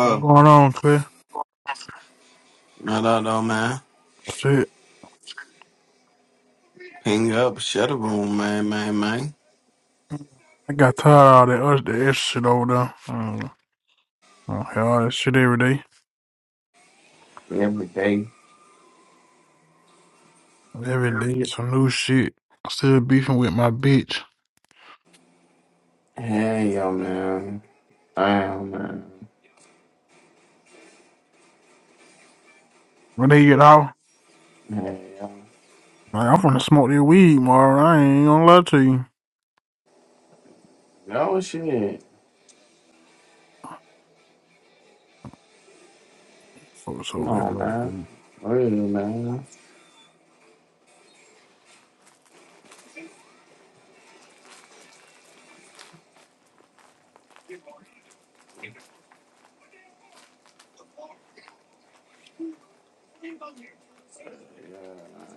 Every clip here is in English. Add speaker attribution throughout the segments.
Speaker 1: What going on, Clay?
Speaker 2: I don't know, man.
Speaker 1: Shit,
Speaker 2: Ping up, shut up, room, man, man, man.
Speaker 1: I got tired of all that us that extra shit over there. Mm, I don't hear all that shit every day.
Speaker 2: Every day.
Speaker 1: Every day, it's some new shit. still beefing with my bitch.
Speaker 2: Hey, yo, man. Damn, man.
Speaker 1: When they get out,
Speaker 2: Hey, yo.
Speaker 1: like, I'm finna smoke this weed, Marvin. I ain't gonna lie to you.
Speaker 2: No shit.
Speaker 1: Folks
Speaker 2: Come
Speaker 1: over here,
Speaker 2: on,
Speaker 1: like,
Speaker 2: man.
Speaker 1: mm,
Speaker 2: Really, man. Yeah.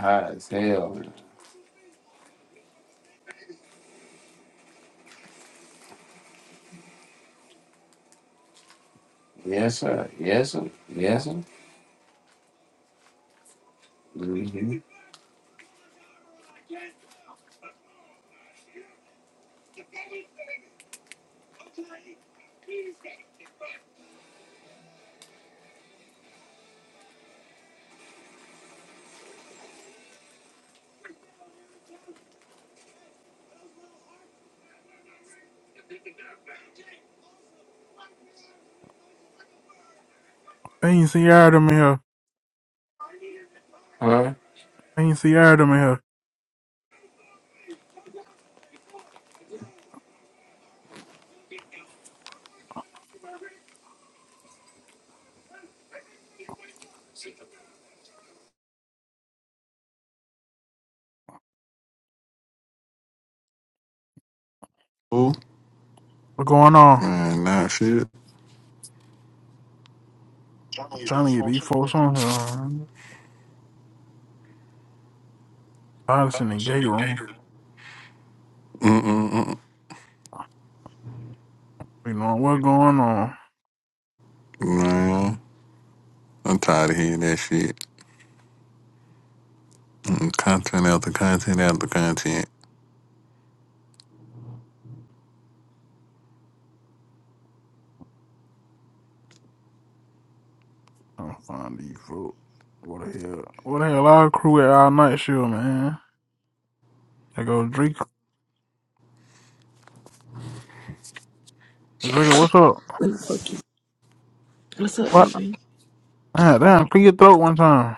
Speaker 2: Hot as hell, Yes, sir. Yes, sir. Yes, sir. Mm-hmm.
Speaker 1: I ain't see all of them in here.
Speaker 2: Huh?
Speaker 1: I ain't see all of them in here.
Speaker 3: Ooh,
Speaker 1: What going on?
Speaker 3: man, nah, shit.
Speaker 1: I'm trying to get these folks on here. Tired in the gate room.
Speaker 3: Mm-mm-mm.
Speaker 1: You know what going on?
Speaker 3: Man, I'm tired of hearing that shit. Mm, Content after content after content.
Speaker 1: I'm finding these folks. What the hell? What the hell? Our crew at our night show, man. I go Drake. Drake, What's up?
Speaker 4: What the fuck you- What's up,
Speaker 1: What?
Speaker 4: nigga?
Speaker 1: Ah, damn. Clean your throat one time.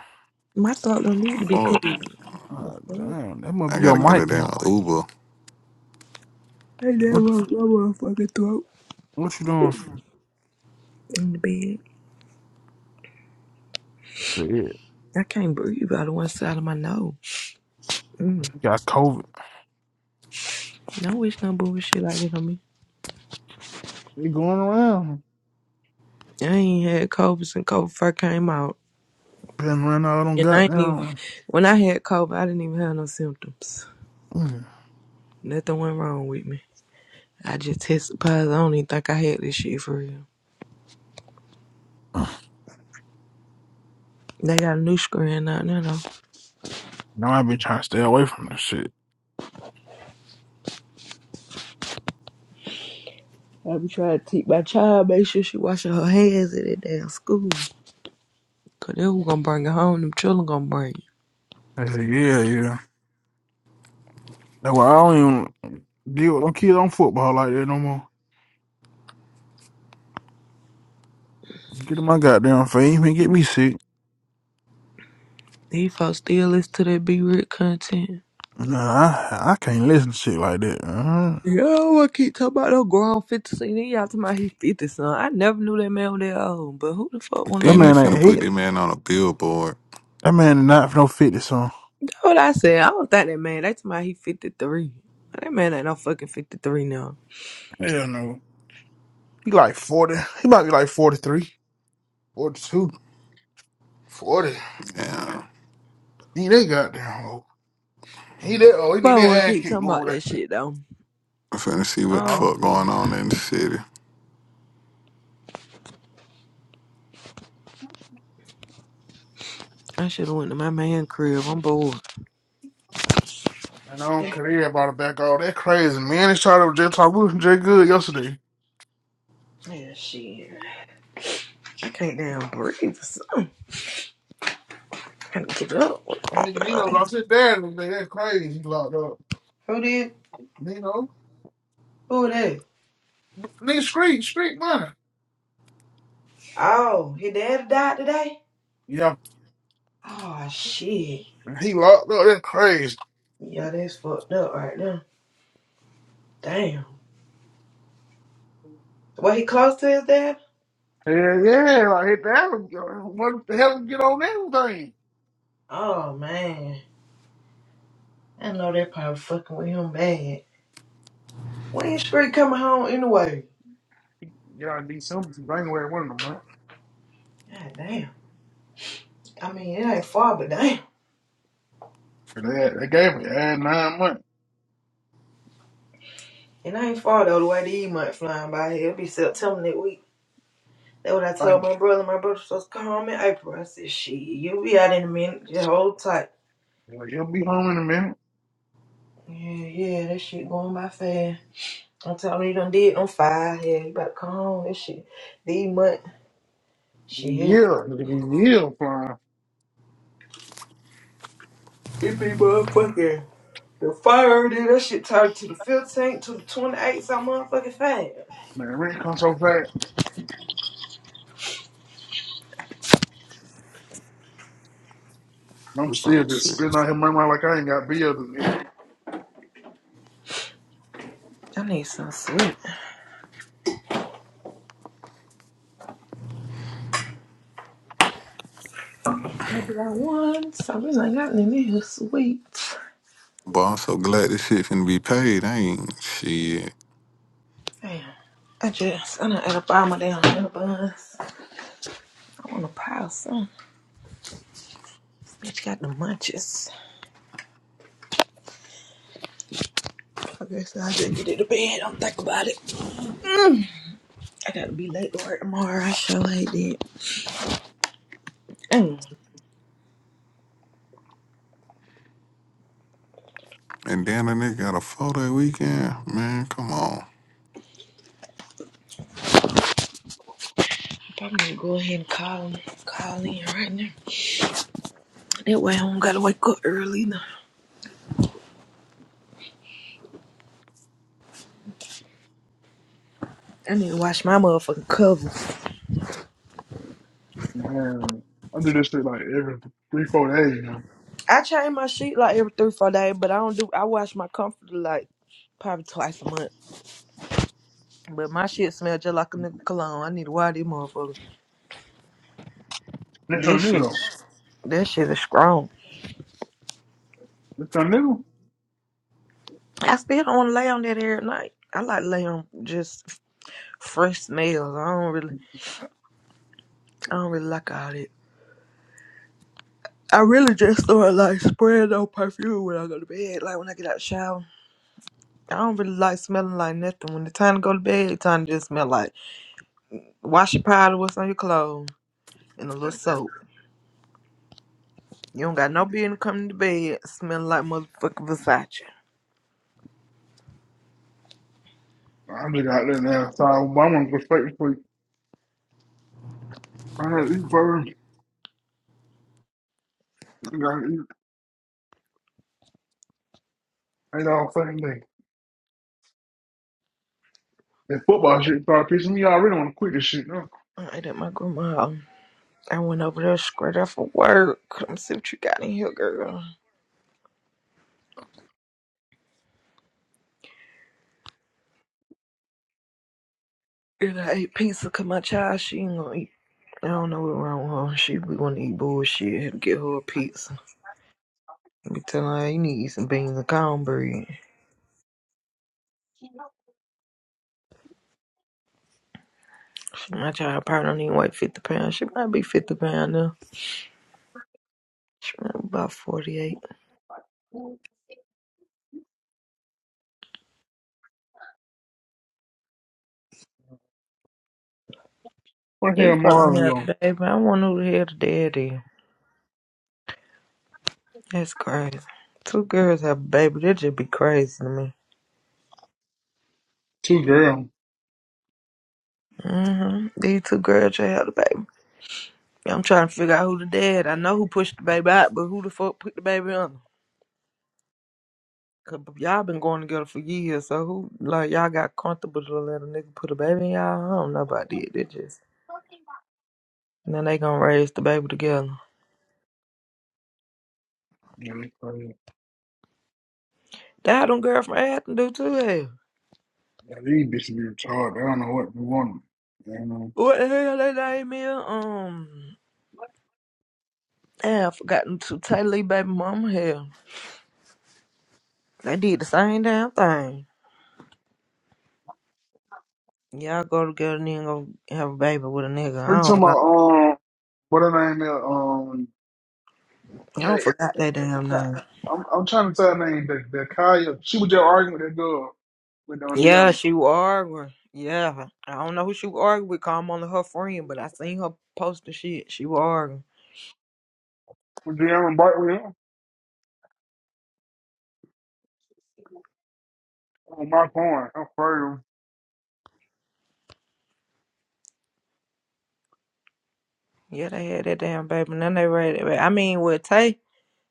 Speaker 4: My throat don't need to be
Speaker 3: Fuck.
Speaker 4: clean. The
Speaker 1: Ah,
Speaker 4: fuck?
Speaker 1: damn. That must
Speaker 3: I
Speaker 1: be your
Speaker 3: gotta get a
Speaker 1: mic.
Speaker 3: damn
Speaker 1: man.
Speaker 3: Uber.
Speaker 4: I never
Speaker 1: What?
Speaker 4: my motherfucking throat
Speaker 1: What you doing?
Speaker 4: in the bed.
Speaker 1: Shit, you
Speaker 4: I can't breathe out of one side of my nose. Mm.
Speaker 1: Got COVID.
Speaker 4: No wish no bullshit like this on me.
Speaker 1: They going around.
Speaker 4: I ain't had COVID since COVID first came out.
Speaker 1: Been running out on
Speaker 4: And I ain't even,
Speaker 1: goddamn.
Speaker 4: when I had COVID, I didn't even have no symptoms.
Speaker 1: Mm.
Speaker 4: Nothing went wrong with me. I just tested positive. I don't even think I had this shit for real. They got a new screen out now, though.
Speaker 1: Now I been trying to stay away from this shit.
Speaker 4: I be trying to teach my child, make sure she washing her hands at that damn school. Cause they was gonna bring it home, them children gonna bring it.
Speaker 1: I said, yeah, yeah. That's why I don't even deal with them kids on football like that no more. Get in my goddamn face. You ain't get me sick.
Speaker 4: These folks still listen to that B Rick content.
Speaker 1: Nah, I, I can't listen to shit like that. Uh-huh.
Speaker 4: Yo, I keep talking about no grown 50 something. Then y'all talking about he 50 something. I never knew that man was that old, but who the fuck wanna
Speaker 1: That
Speaker 3: Then they
Speaker 4: keep.
Speaker 1: man ain't
Speaker 3: finna put
Speaker 1: eight.
Speaker 3: that man on a billboard.
Speaker 1: That man not for no fifty song.
Speaker 4: That's what I said. I don't think that man, they talking about he 53. That man ain't no fucking 53 now.
Speaker 1: Hell no. He like 40. He might be like 43, 42, 40.
Speaker 3: Yeah.
Speaker 1: He they got down old. He that oh he
Speaker 4: But
Speaker 1: need
Speaker 4: I
Speaker 1: that
Speaker 4: wanna
Speaker 1: ass
Speaker 4: keep
Speaker 1: kick
Speaker 4: talking
Speaker 1: going
Speaker 4: about
Speaker 1: with that.
Speaker 4: that shit though.
Speaker 3: I'm finna see
Speaker 4: I
Speaker 3: what the
Speaker 4: don't
Speaker 1: No.
Speaker 4: wanna
Speaker 3: fuck
Speaker 4: keep.
Speaker 3: going on in the city. i
Speaker 4: I should've went to my man crib. I'm bored.
Speaker 1: And I don't care about it back all that crazy. Man, they tried to just talk with Jay Good yesterday.
Speaker 4: Yeah, shit. I can't damn breathe or something. I gotta get up.
Speaker 1: And nigga Nino lost his dad and they that crazy. He locked up.
Speaker 4: Who did?
Speaker 1: Nino.
Speaker 4: Who that?
Speaker 1: Nigga street, street money.
Speaker 4: Oh, his daddy died today?
Speaker 1: Yeah.
Speaker 4: Oh, shit.
Speaker 1: And he locked up, that's crazy.
Speaker 4: Yeah, that's fucked up right now. Damn. Was he close to his dad?
Speaker 1: Yeah, yeah, like hit that what the hell get on everything?
Speaker 4: Oh, man. I know they're probably fucking with him bad. When is Street coming home anyway?
Speaker 1: Yeah, I need some bring away one of them, man.
Speaker 4: God damn. I mean, it ain't far, but damn.
Speaker 1: They, they gave me, I had nine months.
Speaker 4: It ain't far, though, the way these months flying by here. It'll be September next week. That's what I told my brother. My brother supposed to come home in April. I said, shit, you'll be out in a minute. Just hold tight.
Speaker 1: Like, he'll be home in a minute.
Speaker 4: Yeah, yeah, that shit going by fast. I am telling you you done did. I'm fired. Yeah, you better come home. That shit. The month. Shit.
Speaker 1: Yeah, it'll be yeah flying.
Speaker 4: It be motherfucking the fire. Dude. That shit turned to the 15th to the 28th. So I'm motherfucking fast.
Speaker 1: Man, rent comes so fast. I'm
Speaker 3: Or
Speaker 1: still
Speaker 3: some
Speaker 1: just spitting
Speaker 3: shit.
Speaker 1: out here my mind like I ain't got bills. and- everything.
Speaker 4: I need some sweet. What do I want? Something like that. I need me a sweet.
Speaker 3: But I'm so glad this shit finna be paid. I ain't shit.
Speaker 4: Damn. I just, I done ate up all my damn hair buns. I want to pile some. bitch got the munches. Okay, so I guess I'll just get it to bed. Don't think about it. Mm. I gotta be late to work tomorrow. I sure hate it.
Speaker 3: And then the nigga got a four day weekend. Man, come on.
Speaker 4: I'm gonna go ahead and call call in right now. That way I don't gotta wake up early now. I need to wash my motherfucking covers.
Speaker 1: Man, I do this shit like every three, four days, man.
Speaker 4: I change my sheet like every three, four days, but I don't do I wash my comforter like probably twice a month. But my shit smell just like a nigga cologne. I need to wash these motherfuckers.
Speaker 1: This
Speaker 4: That
Speaker 1: something
Speaker 4: shit
Speaker 1: new though.
Speaker 4: is- that shit is strong.
Speaker 1: This something new.
Speaker 4: I still don't wanna lay on that every night. I like lay on just fresh smells. I don't really I don't really like all that. I really just start like spraying on perfume when I go to bed, like when I get out the shower. I don't really like smelling like nothing. When it's time to go to bed, it's time to just smell like washing powder, what's on your clothes, and a little soap. You don't got no business coming to bed smelling like motherfucking Versace.
Speaker 1: I just got there now. So I'm gonna go straight to sleep. I gotta eat first. I gotta eat eight all fucking day. That football shit started pissing me off. I really want to quit this shit.
Speaker 4: I ate at my grandma's house. I went over there straight after work. Let me see what you got in here, girl. And I ate pizza, cause my child, she ain't gonna eat. I don't know what's wrong with her. She be wanna eat bullshit. Had to get her a pizza. I be telling her, you need to eat some beans and cornbread. She- My child probably don't even weigh 50 pounds. She might be 50 pounds now. Shrunk about 48.
Speaker 1: What the
Speaker 4: You
Speaker 1: hell
Speaker 4: fucking
Speaker 1: Marvin
Speaker 4: have
Speaker 1: going?
Speaker 4: a baby. I want to know who the hell the daddy That's crazy. Two girls have a baby. That just be crazy to me.
Speaker 1: Two girls.
Speaker 4: hmm These two girls just had a baby. I'm trying to figure out who the dad. I know who pushed the baby out, but who the fuck put the baby on? Cause y'all been going together for years, so who like y'all got comfortable to let a nigga put a baby in y'all? I don't know about that. They just and then they gonna raise the baby together.
Speaker 1: Yeah, they crazy.
Speaker 4: That them girl from Athens do too. Hell.
Speaker 1: Yeah, these bitches be retarded. I don't know what we want. You know.
Speaker 4: What the hell they name is? Um Damn, I forgotten to tell Lee baby mama here. They did the same damn thing. Y'all go together and then go have a baby with a nigga.
Speaker 1: Are you
Speaker 4: I
Speaker 1: talking
Speaker 4: don't know.
Speaker 1: about um what her name is? Um
Speaker 4: I don't forgot that damn
Speaker 1: Kate.
Speaker 4: name.
Speaker 1: I'm I'm trying to tell her name that that Kaya. She was just arguing with that girl with on
Speaker 4: Yeah,
Speaker 1: DM
Speaker 4: she was arguing. Yeah. I don't know who she was arguing with. Call on her friend, but I seen her post the shit. She was arguing.
Speaker 1: with DM and Bartley on my phone. I'm afraid
Speaker 4: Yeah, they had that damn baby. And Then they ready. I mean, with Tay,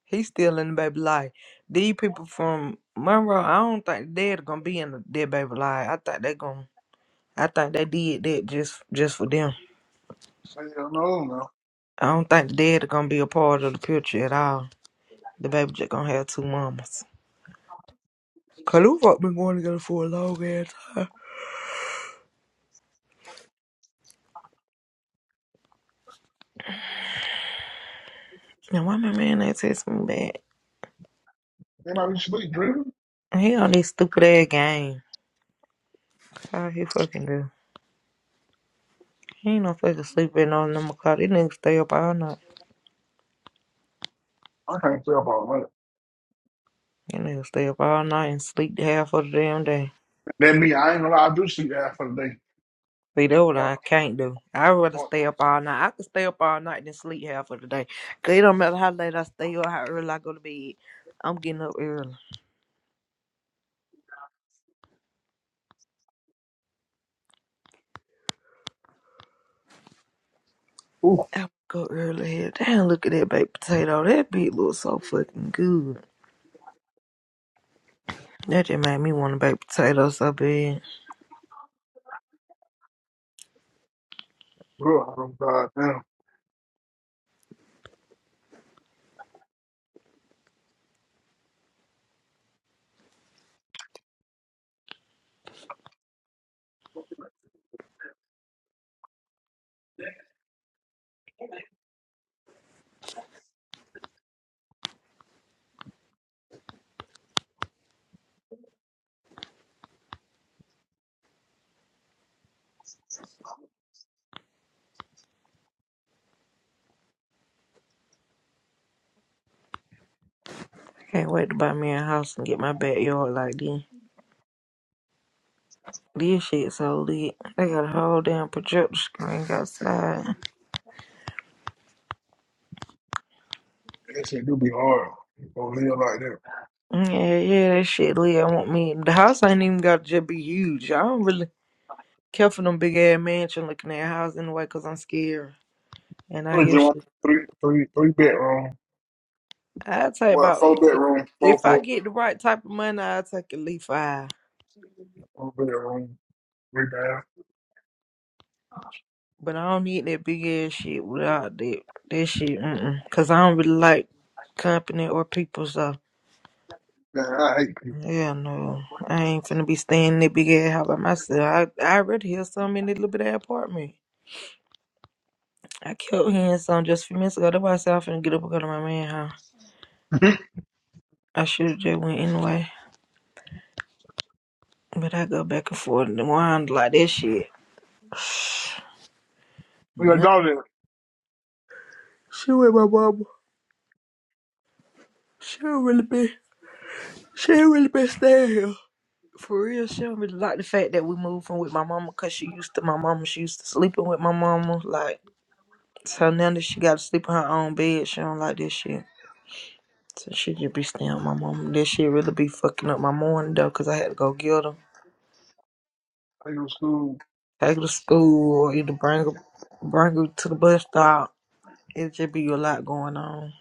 Speaker 4: he's still in the baby life. These people from Monroe, I don't think they're gonna be in the dead baby life. I think they gonna. I think they did that just just for them.
Speaker 1: of hell no no.
Speaker 4: I don't think the daddy gonna be a part of the picture at all. The baby just gonna have two mamas. Kaluva been going together for a long ass time. Now why my man ain't text me back?
Speaker 1: They might be sleep driven.
Speaker 4: He on this stupid ass game. How he fucking do? He ain't no fucking sleeping on them o'clock. These niggas stay up all night.
Speaker 1: I can't tell about that.
Speaker 4: These niggas stay up all night and sleep the half of the damn day.
Speaker 1: That me, I ain't gonna lie, I do sleep after the day.
Speaker 4: See, that's what I can't do. I'd rather stay up all night. I could stay up all night than sleep half of the day. 'Cause it don't matter how late I stay or how early I go to bed. I'm getting up early.
Speaker 1: Ooh,
Speaker 4: I go early head down. Look at that baked potato. That bit looks so fucking good. That just made me want a baked potato so bad.
Speaker 1: girl, I'm God damn.
Speaker 4: Can't wait to buy me a house and get my backyard like this. This shit so lit. They got a whole damn projector screen outside.
Speaker 1: That shit do be hard. Don't live like that.
Speaker 4: Yeah, yeah, that shit lit. I want me. The house ain't even got to just be huge. I don't really care for them big ass mansion looking at house anyway because I'm scared. And I
Speaker 1: I just
Speaker 4: hear
Speaker 1: want
Speaker 4: shit.
Speaker 1: three, three, three bedroom.
Speaker 4: I'd say
Speaker 1: Well,
Speaker 4: about,
Speaker 1: four bedroom, four,
Speaker 4: if I
Speaker 1: four,
Speaker 4: get the right type of money, I'll take at least five.
Speaker 1: four bedroom, three bath.
Speaker 4: But I don't need that big ass shit without that that shit. Mm-mm. Cause I don't really like company or people. So
Speaker 1: Man, I hate
Speaker 4: yeah, no, I ain't finna be staying in that big ass house by myself. I I already hear something in that little bit of apartment. I kept hearing something just a few minutes ago. That's why I said i finna get up and go to my man house.
Speaker 1: people.
Speaker 4: I should have just went anyway. But I go back and forth and wind like that shit.
Speaker 1: we got a
Speaker 4: Nah.
Speaker 1: daughter that
Speaker 4: She with my mama. She don't really be. She don't really been staying here. For real, she don't really like the fact that we moved from with my mama because she used to my mama. She used to sleeping with my mama. Like so now that she got to sleep in her own bed, she don't like this shit. So she just be staying with my mama. That shit really be fucking up my morning though, cause I had to go get her,
Speaker 1: I go to school.
Speaker 4: take her to school, or either bring her, bring her to the bus stop. It just be a lot going on.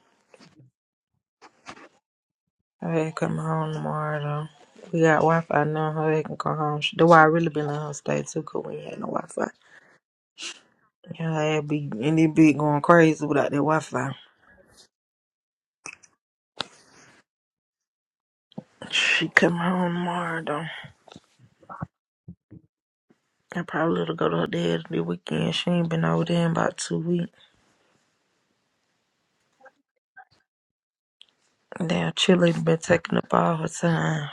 Speaker 4: I had to come home tomorrow though. We got Wi Fi now. Her ass can come home. She- That's why I really been letting her stay too, cause we ain't had no Wi Fi. Yeah, I be and it be going crazy without that Wi Fi. She come home tomorrow though. I probably let her go to her dad the weekend. She ain't been over there in about two weeks. Damn, Chili been taking up all her time.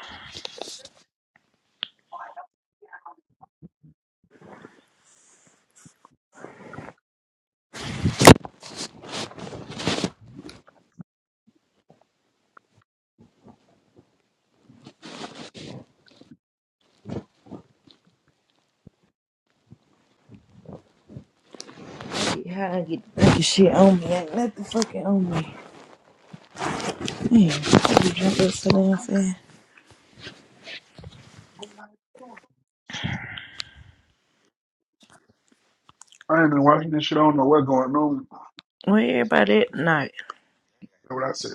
Speaker 4: Shit, how I get to thinking shit on me? Ain't nothing fucking on me. Man, I be drunk up so damn fast.
Speaker 1: I'm like, "Oh, I ain't been watching this shit. I don't know what's going on. That's
Speaker 4: Where everybody at night?
Speaker 1: what I said.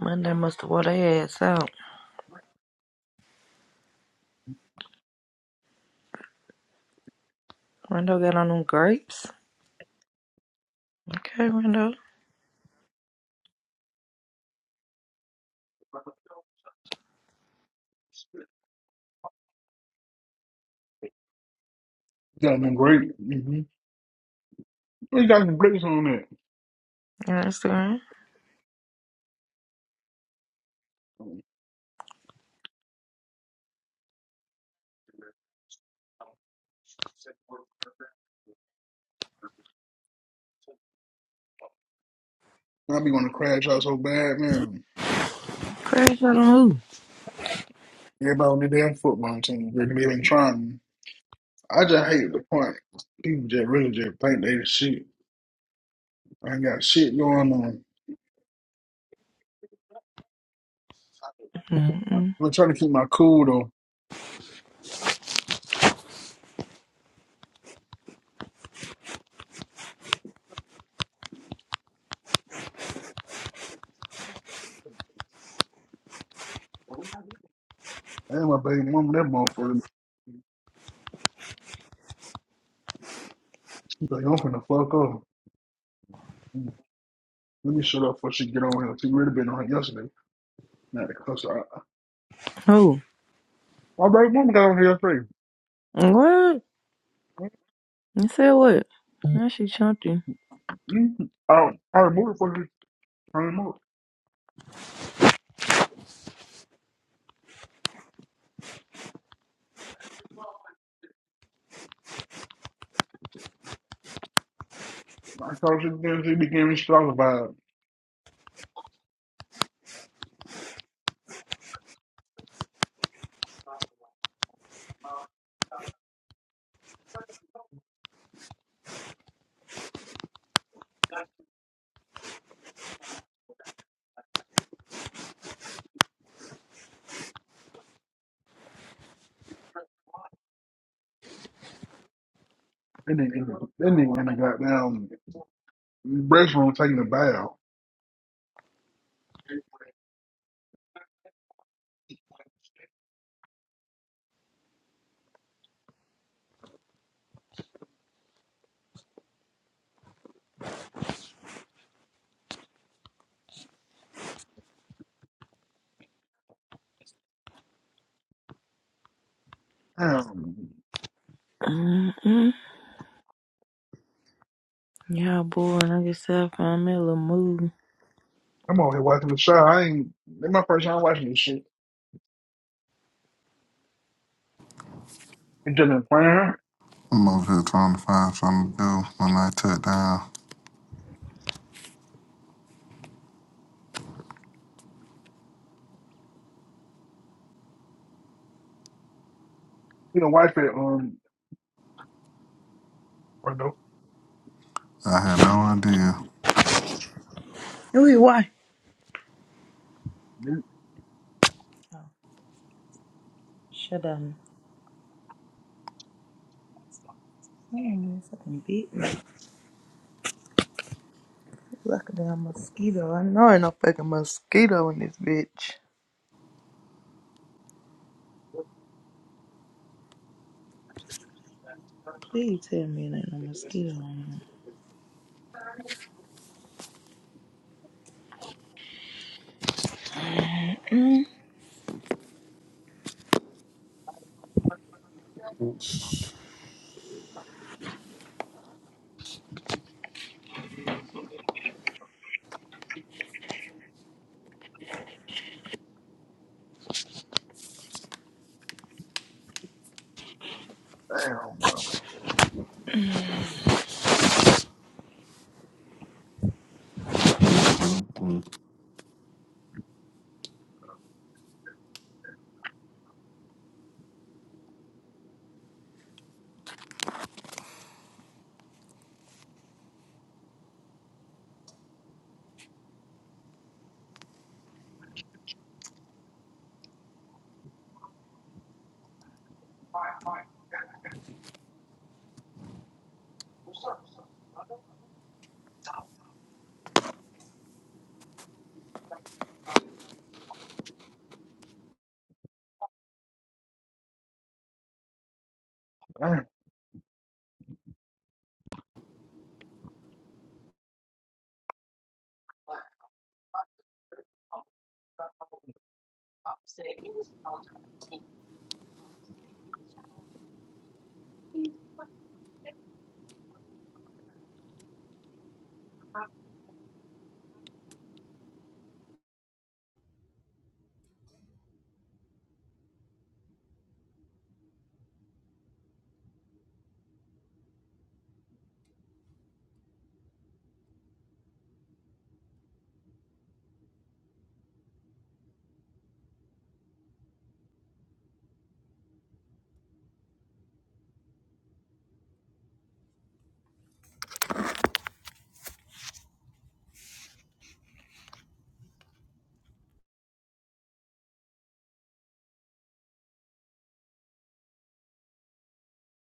Speaker 4: Monday must have wore their ass out. Rondo got on them grapes. Okay, Rondo.
Speaker 1: Got them great. Mm-hmm. We got some brakes on that.
Speaker 4: Instagram.
Speaker 1: I be going to crash out so bad, man.
Speaker 4: Crazy on who?
Speaker 1: Everybody on the damn football team, they be even trying. I just hate the point. People just really just think they the shit. I ain't got shit going on.
Speaker 4: Mm-mm.
Speaker 1: I'm trying to keep my cool though. And my baby mama, that motherfucker. She's like, I'm finna fuck up. Mm, Let me shut up before she get on here. She really been on here yesterday. Not to cuss her out.
Speaker 4: Who?
Speaker 1: My baby mama got on here yesterday.
Speaker 4: What? You said what? Now she chunky.
Speaker 1: Mm, I, I removed it for her. I removed it. I told her she began, she began to talk about that nigga that nigga in the goddamn restroom taking a bath. Damn,
Speaker 4: Mm-mm. Yeah, boy, and I guess I found me a little mood.
Speaker 1: I'm over here watching the show. I ain't, this my first time watching this shit. It just been playing.
Speaker 3: I'm over here trying to find something to do when I took down.
Speaker 1: You know, wife it. Um, What the?
Speaker 3: I had no idea.
Speaker 4: Ooh, why? Oh, shut up. Someone in this fucking bit me. Look at that mosquito. I know ain't no fucking mosquito in this bitch. Please tell me there ain't no mosquito in here.
Speaker 1: Damn, bro. Damn.